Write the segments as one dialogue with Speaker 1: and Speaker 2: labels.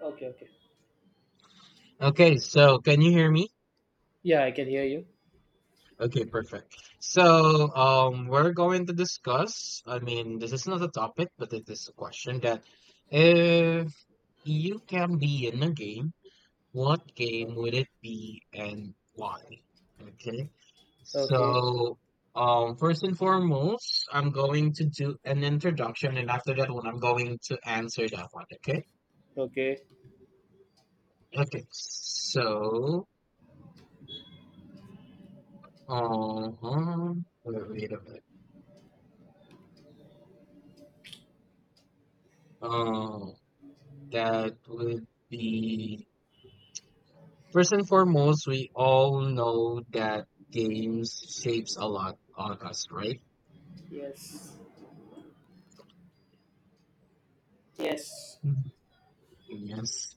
Speaker 1: Okay, okay.
Speaker 2: Okay, so can you hear me?
Speaker 1: Yeah, I can hear you.
Speaker 2: Okay, perfect. So, we're going to discuss, I mean, this is not a topic, but it is a question that if you can be in a game, what game would it be and why? Okay.
Speaker 1: Okay.
Speaker 2: So, first and foremost, I'm going to do an introduction, and after that one, I'm going to answer that one. Okay.
Speaker 1: Okay.
Speaker 2: Okay. Uh-huh. Wait, wait a minute. Uh, That would be First and foremost, we all know that games shapes a lot on us, right?
Speaker 1: Yes. Yes.
Speaker 2: Mhm. Yes.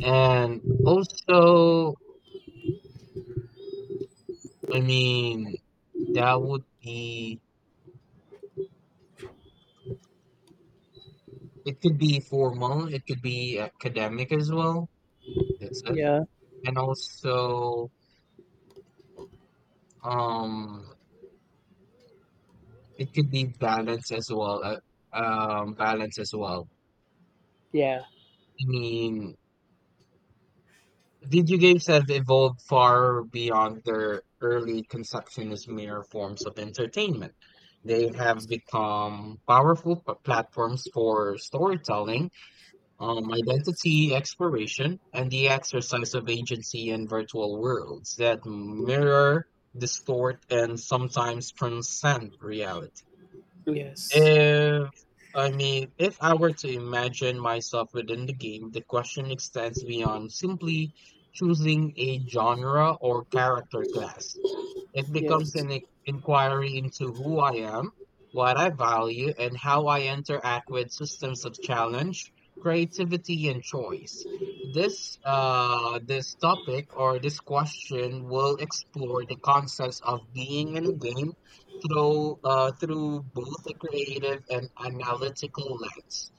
Speaker 2: And also, I mean, that would be, it could be formal, it could be academic as well. That's it.
Speaker 1: Yeah.
Speaker 2: And also, um, it could be balance as well, balance as well.
Speaker 1: Yeah.
Speaker 2: I mean, video games have evolved far beyond their early conception as mere forms of entertainment. They have
Speaker 1: Yes.
Speaker 2: become powerful platforms for storytelling,
Speaker 1: Yes.
Speaker 2: identity exploration, and the exercise of agency in virtual worlds that mirror, distort, and sometimes transcend reality.
Speaker 1: Yes.
Speaker 2: If if I were to imagine myself within the game, the question extends beyond simply choosing a genre or character class. It becomes
Speaker 1: Yes.
Speaker 2: an inquiry into who I am, what I value, and how I interact with systems of challenge, creativity, and choice. This topic or this question will explore the concepts of being in a game through through both a creative and analytical lens,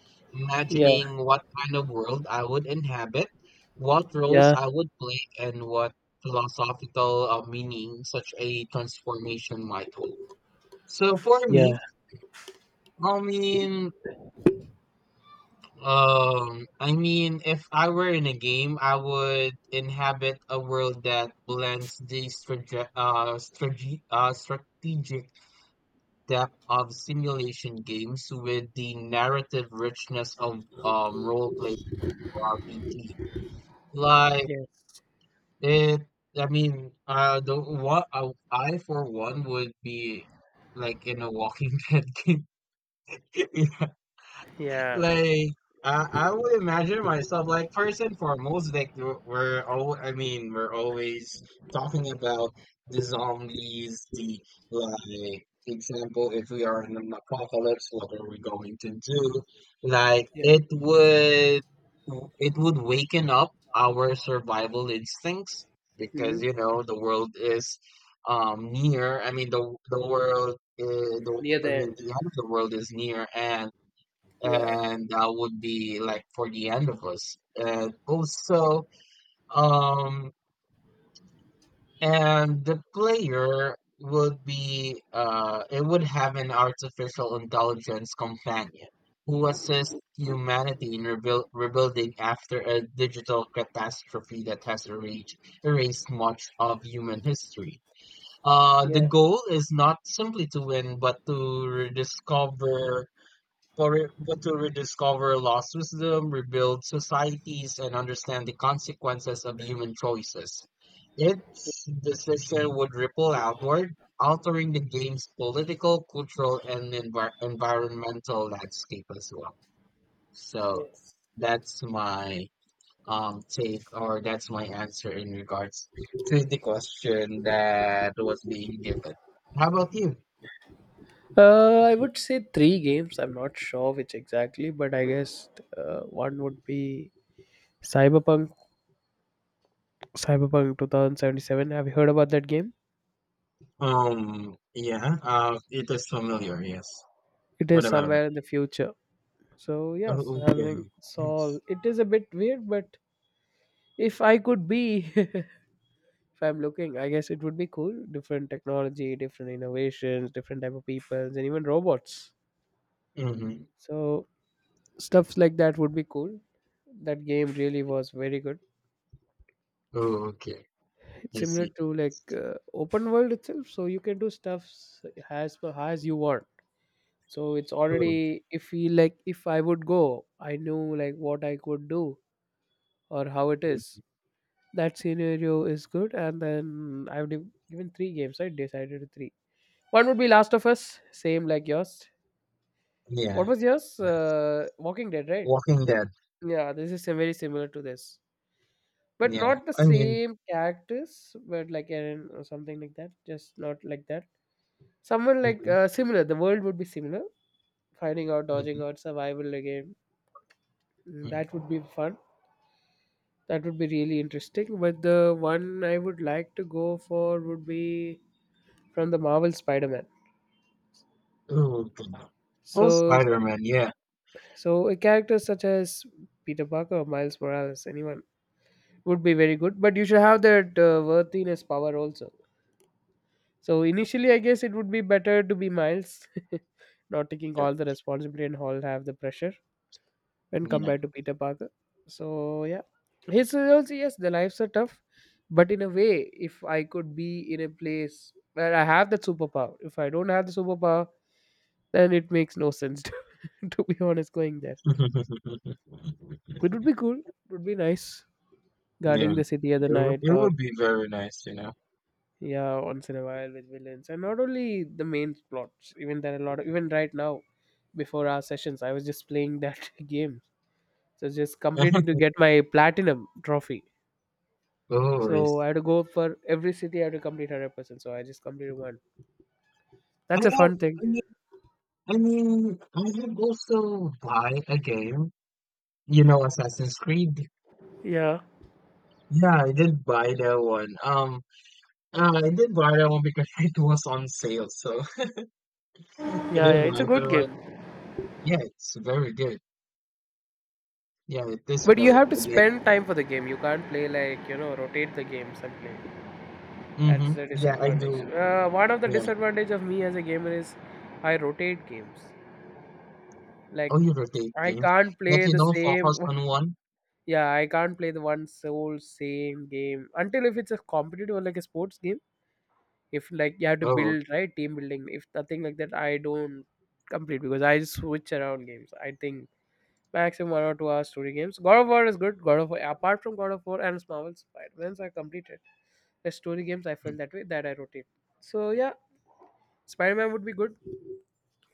Speaker 1: Yeah.
Speaker 2: imagining what kind of world I would inhabit, what roles
Speaker 1: Yeah.
Speaker 2: I would play, and what philosophical meaning such a transformation might hold. So for
Speaker 1: Yeah.
Speaker 2: me, I mean, if I were in a game, I would inhabit a world that blends the strategic depth of simulation games with the narrative richness of role play RPG. Like
Speaker 1: Yes.
Speaker 2: It, I mean, the what I for one would be like in a Walking Dead game.
Speaker 1: Yeah.
Speaker 2: Like I would imagine myself like first and foremost, like we're all I mean, we're always talking about the zombies, the like example, if we are in an apocalypse, what are we going to do? Like
Speaker 1: Yeah.
Speaker 2: it would waken up our survival instincts
Speaker 1: Hmm.
Speaker 2: because you know the world is near. I mean the the world uh, the
Speaker 1: Near
Speaker 2: I
Speaker 1: the
Speaker 2: mean
Speaker 1: end.
Speaker 2: the end of the world is near, and
Speaker 1: Yeah.
Speaker 2: that would be like for the end of us. And also, um, and the player would be it would have an artificial intelligence companion who assists humanity in rebuilding after a digital catastrophe that has erased much of human history. The
Speaker 1: Yeah.
Speaker 2: goal is not simply to win, but to rediscover lost wisdom, rebuild societies, and understand the consequences of human choices. Its decision would ripple outward, altering the game's political, cultural, and environmental landscape as well. So
Speaker 1: Yes.
Speaker 2: that's my take or that's my answer in regards to the question that was being given. How about you?
Speaker 1: I would say three games. I'm not sure which exactly, but I guess one would be Cyberpunk. Cyberpunk 2077. Have you heard about that game?
Speaker 2: Um, yeah, uh, it is familiar, yes.
Speaker 1: It is
Speaker 2: What about it?
Speaker 1: somewhere in the future. So
Speaker 2: Oh,
Speaker 1: yes, having
Speaker 2: okay.
Speaker 1: Saul,
Speaker 2: Yes.
Speaker 1: it is a bit weird, but if I could be, if I'm looking, I guess it would be cool. Different technology, different innovations, different type of peoples, and even robots.
Speaker 2: Mhm.
Speaker 1: So stuffs like that would be cool. That game really was very good.
Speaker 2: Oh, okay.
Speaker 1: It's
Speaker 2: I
Speaker 1: similar
Speaker 2: see.
Speaker 1: to like
Speaker 2: It's just—
Speaker 1: open world itself, so you can do stuffs as per as you want. So it's
Speaker 2: oh,
Speaker 1: already, if we like, if I would go, I knew like what I could do or how it is.
Speaker 2: mm,
Speaker 1: That scenario is good. And then I've given three games, I decided to three. One would be Last of Us, same like yours. What
Speaker 2: yeah.
Speaker 1: was yours, Walking Dead, right?
Speaker 2: Walking Dead.
Speaker 1: Yeah, this is very similar to this, but
Speaker 2: Yeah.
Speaker 1: not the
Speaker 2: I mean,
Speaker 1: same characters, but like Aaron or something like that, just not like that. Someone like,
Speaker 2: mhm,
Speaker 1: similar, the world would be similar, finding out, dodging
Speaker 2: mhm,
Speaker 1: out, survival again. Mm, that
Speaker 2: mhm.
Speaker 1: would be fun, that would be really interesting. But the one I would like to go for would be from the Marvel Spider-Man.
Speaker 2: Oh, God. Oh,
Speaker 1: So, so,
Speaker 2: Spider-Man. Yeah.
Speaker 1: so a character such as Peter Parker or Miles Morales, anyone, would be very good. But you should have that worthiness power also. So initially, I guess it would be better to be Miles, not taking
Speaker 2: Yeah.
Speaker 1: all the responsibility and all, have the pressure when
Speaker 2: Yeah.
Speaker 1: compared to Peter Parker. So yeah, his also, yes, the lives are tough, but in a way, if I could be in a place where I have that superpower, if I don't have the superpower, then it makes no sense to be honest going there. It would be cool. It would be nice
Speaker 2: Yeah.
Speaker 1: guarding the city at the
Speaker 2: It, would—
Speaker 1: night,
Speaker 2: it
Speaker 1: or,
Speaker 2: would be very nice, you know.
Speaker 1: yeah, once in a while with villains. And not only the main plots, even there are a lot of, even right now, before our sessions, I was just playing that game. So just completing to get my platinum trophy.
Speaker 2: Oh, I
Speaker 1: So I had to
Speaker 2: see.
Speaker 1: go for every city, I had to complete 100%. So I just completed one.
Speaker 2: I
Speaker 1: That's a
Speaker 2: have,
Speaker 1: fun thing.
Speaker 2: I mean, I mean, I have also buy a game, you know, Assassin's Creed.
Speaker 1: Yeah.
Speaker 2: Yeah, I did buy that one. I did buy that one because it was on sale, so I did
Speaker 1: Yeah, yeah. It's
Speaker 2: buy
Speaker 1: a good
Speaker 2: that one.
Speaker 1: game.
Speaker 2: Yeah, it's very good. Yeah, it is
Speaker 1: But you
Speaker 2: very
Speaker 1: have to
Speaker 2: good. Like,
Speaker 1: spend time for the game. You can't play like, rotate the games and play. That's
Speaker 2: mm-hmm.
Speaker 1: the
Speaker 2: Yeah, I
Speaker 1: disadvantage.
Speaker 2: do.
Speaker 1: One of the
Speaker 2: Yeah.
Speaker 1: disadvantage of me as a gamer is I rotate games. Like,
Speaker 2: Oh, you rotate
Speaker 1: I
Speaker 2: games.
Speaker 1: can't
Speaker 2: Like
Speaker 1: play
Speaker 2: you
Speaker 1: the
Speaker 2: don't
Speaker 1: same.
Speaker 2: focus on one.
Speaker 1: Yeah, I can't play the one sole same game until if it's a competitive or like a sports game. If like you have to
Speaker 2: Oh,
Speaker 1: build right team building, if nothing like that, I don't complete because I switch around games. I think maximum 1 or 2 hours story games. God of War is good. God of War, apart from God of War and Marvel Spider Man's, I completed the story games. I felt
Speaker 2: mm,
Speaker 1: that way, that I rotate. So yeah, Spider Man would be good,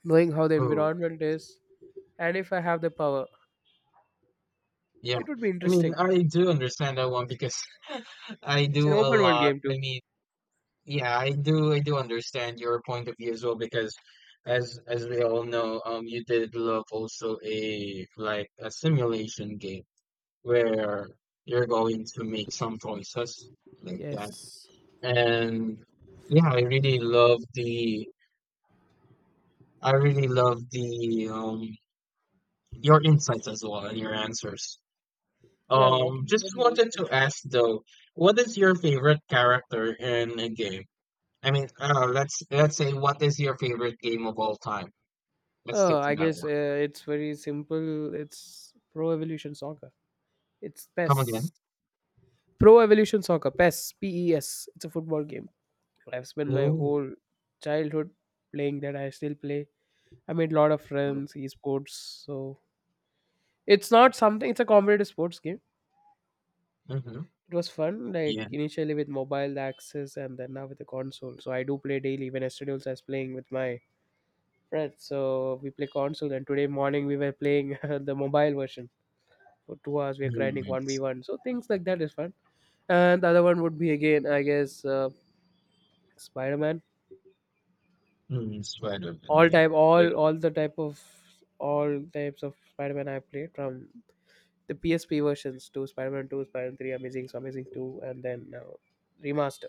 Speaker 1: knowing how the
Speaker 2: oh,
Speaker 1: environment is, and if I have the power.
Speaker 2: yeah.
Speaker 1: It would be
Speaker 2: I mean,
Speaker 1: interesting.
Speaker 2: I do understand that one because I
Speaker 1: It's
Speaker 2: do
Speaker 1: an
Speaker 2: a
Speaker 1: open world
Speaker 2: lot.
Speaker 1: game
Speaker 2: I
Speaker 1: too.
Speaker 2: mean, yeah, I do. I do understand your point of view as well because, as we all know, you did love also a like a simulation game where you're going to make some choices like that.
Speaker 1: Yes.
Speaker 2: And yeah, I really love the your insights as well and your answers.
Speaker 1: Yeah, Walking
Speaker 2: Just
Speaker 1: Dead is
Speaker 2: wanted
Speaker 1: also.
Speaker 2: to ask though, what is your favorite character in a game? I mean, let's say what is your favorite game of all time? Let's stick
Speaker 1: Oh,
Speaker 2: to
Speaker 1: I
Speaker 2: that
Speaker 1: guess
Speaker 2: one.
Speaker 1: it's very simple. It's Pro Evolution Soccer. It's
Speaker 2: Come
Speaker 1: PES.
Speaker 2: again.
Speaker 1: Pro Evolution Soccer, PES, P E S. It's a football game. I've spent my
Speaker 2: Oh,
Speaker 1: whole childhood playing that. I still play. I made a lot of friends, esports. So it's not something, it's a competitive sports game.
Speaker 2: mm-hmm.
Speaker 1: It was fun, like
Speaker 2: Yeah.
Speaker 1: initially with mobile access, and then now with the console. So I do play daily. Even yesterday also I was playing with my friends, so we play console. And today morning we were playing the mobile version for 2 hours. We are
Speaker 2: Mm,
Speaker 1: grinding
Speaker 2: it's—
Speaker 1: 1v1, so things like that is fun. And the other one would be, again, I guess, Spider-Man.
Speaker 2: mm, Spider-Man.
Speaker 1: All
Speaker 2: Yeah.
Speaker 1: type all the type of all types of Spider-Man, I played from the PSP versions to Spider-Man 2, Spider-Man 3, Amazing, so Amazing 2, and then now Remaster.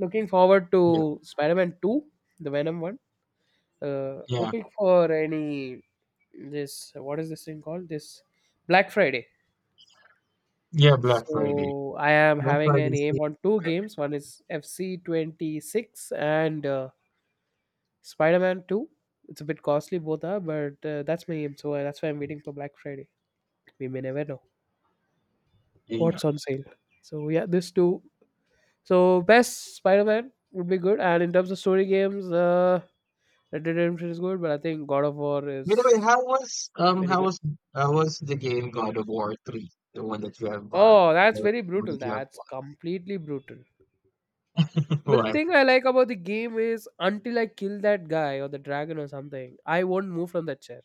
Speaker 1: Looking forward
Speaker 2: yeah.
Speaker 1: to Spider-Man 2, the Venom one.
Speaker 2: Yeah.
Speaker 1: Hoping for any, this, what is this thing called? This Black Friday.
Speaker 2: Yeah, Black Friday.
Speaker 1: So I am
Speaker 2: Black
Speaker 1: having
Speaker 2: Friday
Speaker 1: an
Speaker 2: is
Speaker 1: aim
Speaker 2: the—
Speaker 1: on two games. One is FC 26 and Spider-Man 2. It's a bit costly, both are, but that's my aim. So that's why I'm waiting for Black Friday. We may never know
Speaker 2: game. Yeah.
Speaker 1: what's on sale. So yeah, this two. So best Spider-Man would be good. And in terms of story games, Red Dead Redemption is good, but I think God of War
Speaker 2: By the way,
Speaker 1: is very good.
Speaker 2: how was the game God of War 3? The one that you have bought.
Speaker 1: Oh, that's
Speaker 2: The
Speaker 1: very
Speaker 2: one
Speaker 1: brutal.
Speaker 2: that you have
Speaker 1: That's
Speaker 2: bought.
Speaker 1: completely brutal. But the
Speaker 2: What?
Speaker 1: thing I like about the game is, until I kill that guy or the dragon or something, I won't move from that chair.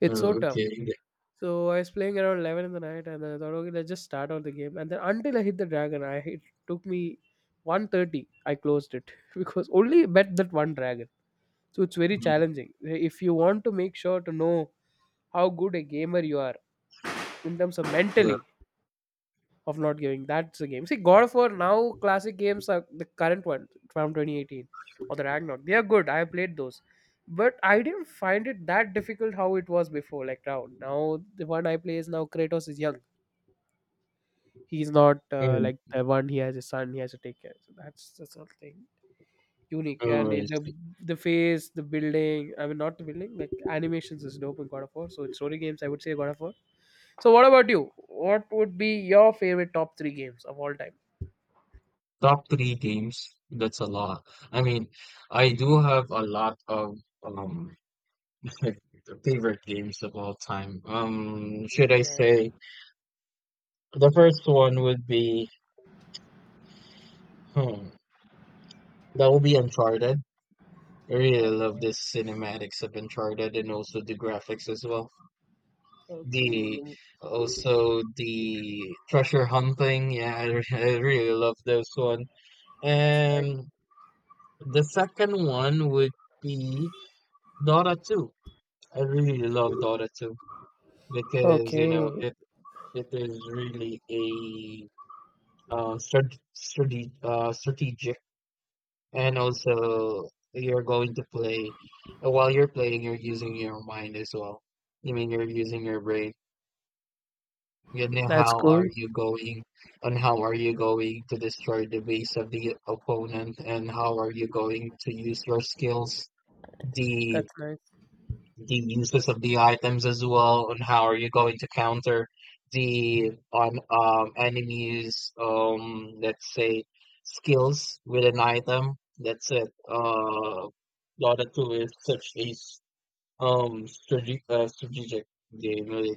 Speaker 1: It's so
Speaker 2: Oh,
Speaker 1: tough.
Speaker 2: okay. The—
Speaker 1: So I was playing around 11 in the night and then I thought, okay, let's just start out the game. And then until I hit the dragon, I it took me 130. I closed it because only bet that one dragon. So it's very
Speaker 2: mm,
Speaker 1: challenging. If you want to make sure to know how good a gamer you are in terms of
Speaker 2: well,
Speaker 1: mentally, of not giving. That's the game. See, God of War, now, classic games are the current one from 2018 or the Ragnarok. They are good. I have played those, but I didn't find it that difficult how it was before. Like now the one I play is, now Kratos is young. He's not
Speaker 2: and
Speaker 1: like the one. He has a son. He has to take care. So that's something unique. And
Speaker 2: oh, I
Speaker 1: it- the
Speaker 2: see.
Speaker 1: the face, the building. I mean, not the building. Like animations is dope in God of War. So in story games, I would say God of War. So what about you? What would be your favorite top three games of all time?
Speaker 2: Top three games, that's a lot. I mean, I do have a lot of um favorite games of all time. Should I
Speaker 1: Yeah.
Speaker 2: say the first one would be hmm, that would be Uncharted. I really love the cinematics of Uncharted and also the graphics as well.
Speaker 1: Okay,
Speaker 2: The also the treasure hunting, yeah, I really love those one.
Speaker 1: that's nice.
Speaker 2: And the second one would be Dota 2. I really love Dota 2 because you know
Speaker 1: Okay,
Speaker 2: it is really a strategic. And also, you're going to play, while you're playing, you're using your mind as well. I mean, you're using your brain. And then
Speaker 1: that's
Speaker 2: how
Speaker 1: cool.
Speaker 2: are you going, and how are you going to destroy the base of the opponent, and how are you going to use your skills, the
Speaker 1: That's nice.
Speaker 2: the uses of the items as well, and how are you going to counter the on enemies let's say skills with an item. That's it. Dota 2 is such a strategic game. Really.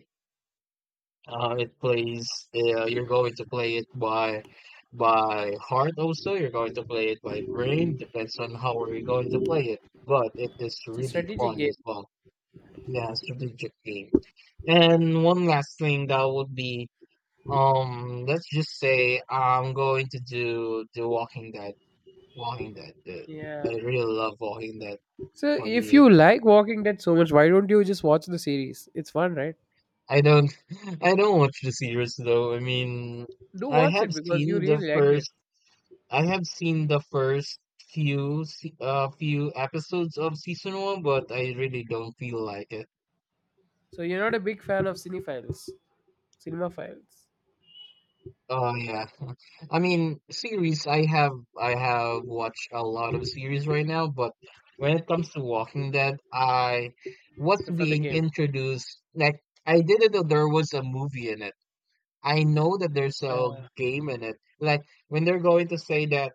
Speaker 2: It plays. You're going to play it by heart. Also, you're going to play it by brain. Depends on how are you going to play it. But it is
Speaker 1: It's a
Speaker 2: really
Speaker 1: strategic
Speaker 2: fun
Speaker 1: game.
Speaker 2: as well. Yeah, strategically. And one last thing that would be, let's just say I'm going to do the Walking Dead. Walking Dead. The, I
Speaker 1: Yeah.
Speaker 2: really love Walking Dead.
Speaker 1: So
Speaker 2: For
Speaker 1: if
Speaker 2: me,
Speaker 1: you
Speaker 2: it's,
Speaker 1: like Walking Dead so much, why don't you just watch the series? It's fun, right?
Speaker 2: I don't, I don't watch the series though. I mean,
Speaker 1: Do
Speaker 2: I
Speaker 1: watch
Speaker 2: have
Speaker 1: it, because you
Speaker 2: seen the
Speaker 1: really liked it.
Speaker 2: first, I have seen the first few, few episodes of season one, but I really don't feel like it.
Speaker 1: So you're not a big fan of cinephiles, cinema files.
Speaker 2: Oh yeah. I mean, series, I have watched a lot of series right now, but when it comes to Walking Dead, I was
Speaker 1: Prefer the
Speaker 2: being
Speaker 1: game.
Speaker 2: introduced like I didn't know there was a movie in it. I know that there's a
Speaker 1: Yeah.
Speaker 2: game in it. Like when they're going to say that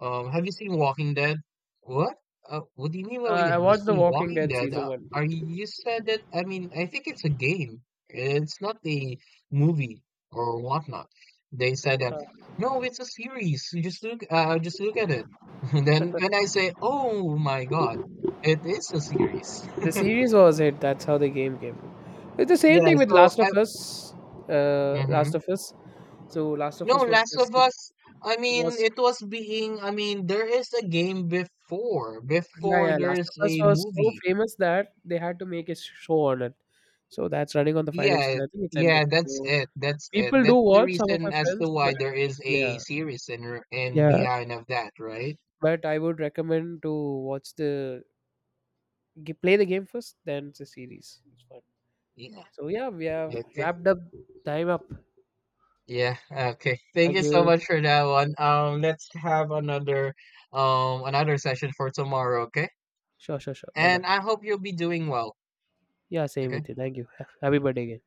Speaker 2: have you seen Walking Dead? What? What do you mean? Well, yeah,
Speaker 1: I
Speaker 2: have you
Speaker 1: watched The
Speaker 2: seen
Speaker 1: Walking
Speaker 2: Walking
Speaker 1: Dead
Speaker 2: Dead?
Speaker 1: season one.
Speaker 2: Are you, you said that? I mean, I think it's a game. It's not a movie or whatnot. They said that. No, it's a series. You just look. Just look at it. And then, and I say, oh my God, it is a series.
Speaker 1: The series was it. That's how the game came. It's the same
Speaker 2: Yeah.
Speaker 1: thing with
Speaker 2: So
Speaker 1: Last of
Speaker 2: I.
Speaker 1: Us. Last
Speaker 2: Hmm.
Speaker 1: of Us. So Last of
Speaker 2: No,
Speaker 1: Us was
Speaker 2: Last of Us. I mean,
Speaker 1: was
Speaker 2: it was being. I mean, there is a game before.
Speaker 1: Yeah,
Speaker 2: Before
Speaker 1: yeah.
Speaker 2: there
Speaker 1: Last of
Speaker 2: is
Speaker 1: Us
Speaker 2: a
Speaker 1: was so
Speaker 2: movie.
Speaker 1: famous that they had to make a show on it. So that's running on the final season.
Speaker 2: Yeah,
Speaker 1: I think it's ended.
Speaker 2: yeah, that's
Speaker 1: So
Speaker 2: it. That's it.
Speaker 1: people do
Speaker 2: That's the
Speaker 1: watch, some of my
Speaker 2: reason as to
Speaker 1: friends, but
Speaker 2: why there is a
Speaker 1: yeah,
Speaker 2: series in in
Speaker 1: yeah.
Speaker 2: behind of that, right?
Speaker 1: But I would recommend to watch the play the game first, then the series. It's fun.
Speaker 2: Yeah.
Speaker 1: So yeah, we have
Speaker 2: Okay.
Speaker 1: wrapped up, time up.
Speaker 2: Yeah. Okay. Thank
Speaker 1: Thank
Speaker 2: you so
Speaker 1: you.
Speaker 2: much for that
Speaker 1: Yeah.
Speaker 2: one. Let's have another session for tomorrow, okay?
Speaker 1: Sure, sure, sure. Bye
Speaker 2: And
Speaker 1: bye.
Speaker 2: I hope you'll be doing well.
Speaker 1: Yeah, same
Speaker 2: Okay.
Speaker 1: with you. Thank you. Happy birthday again.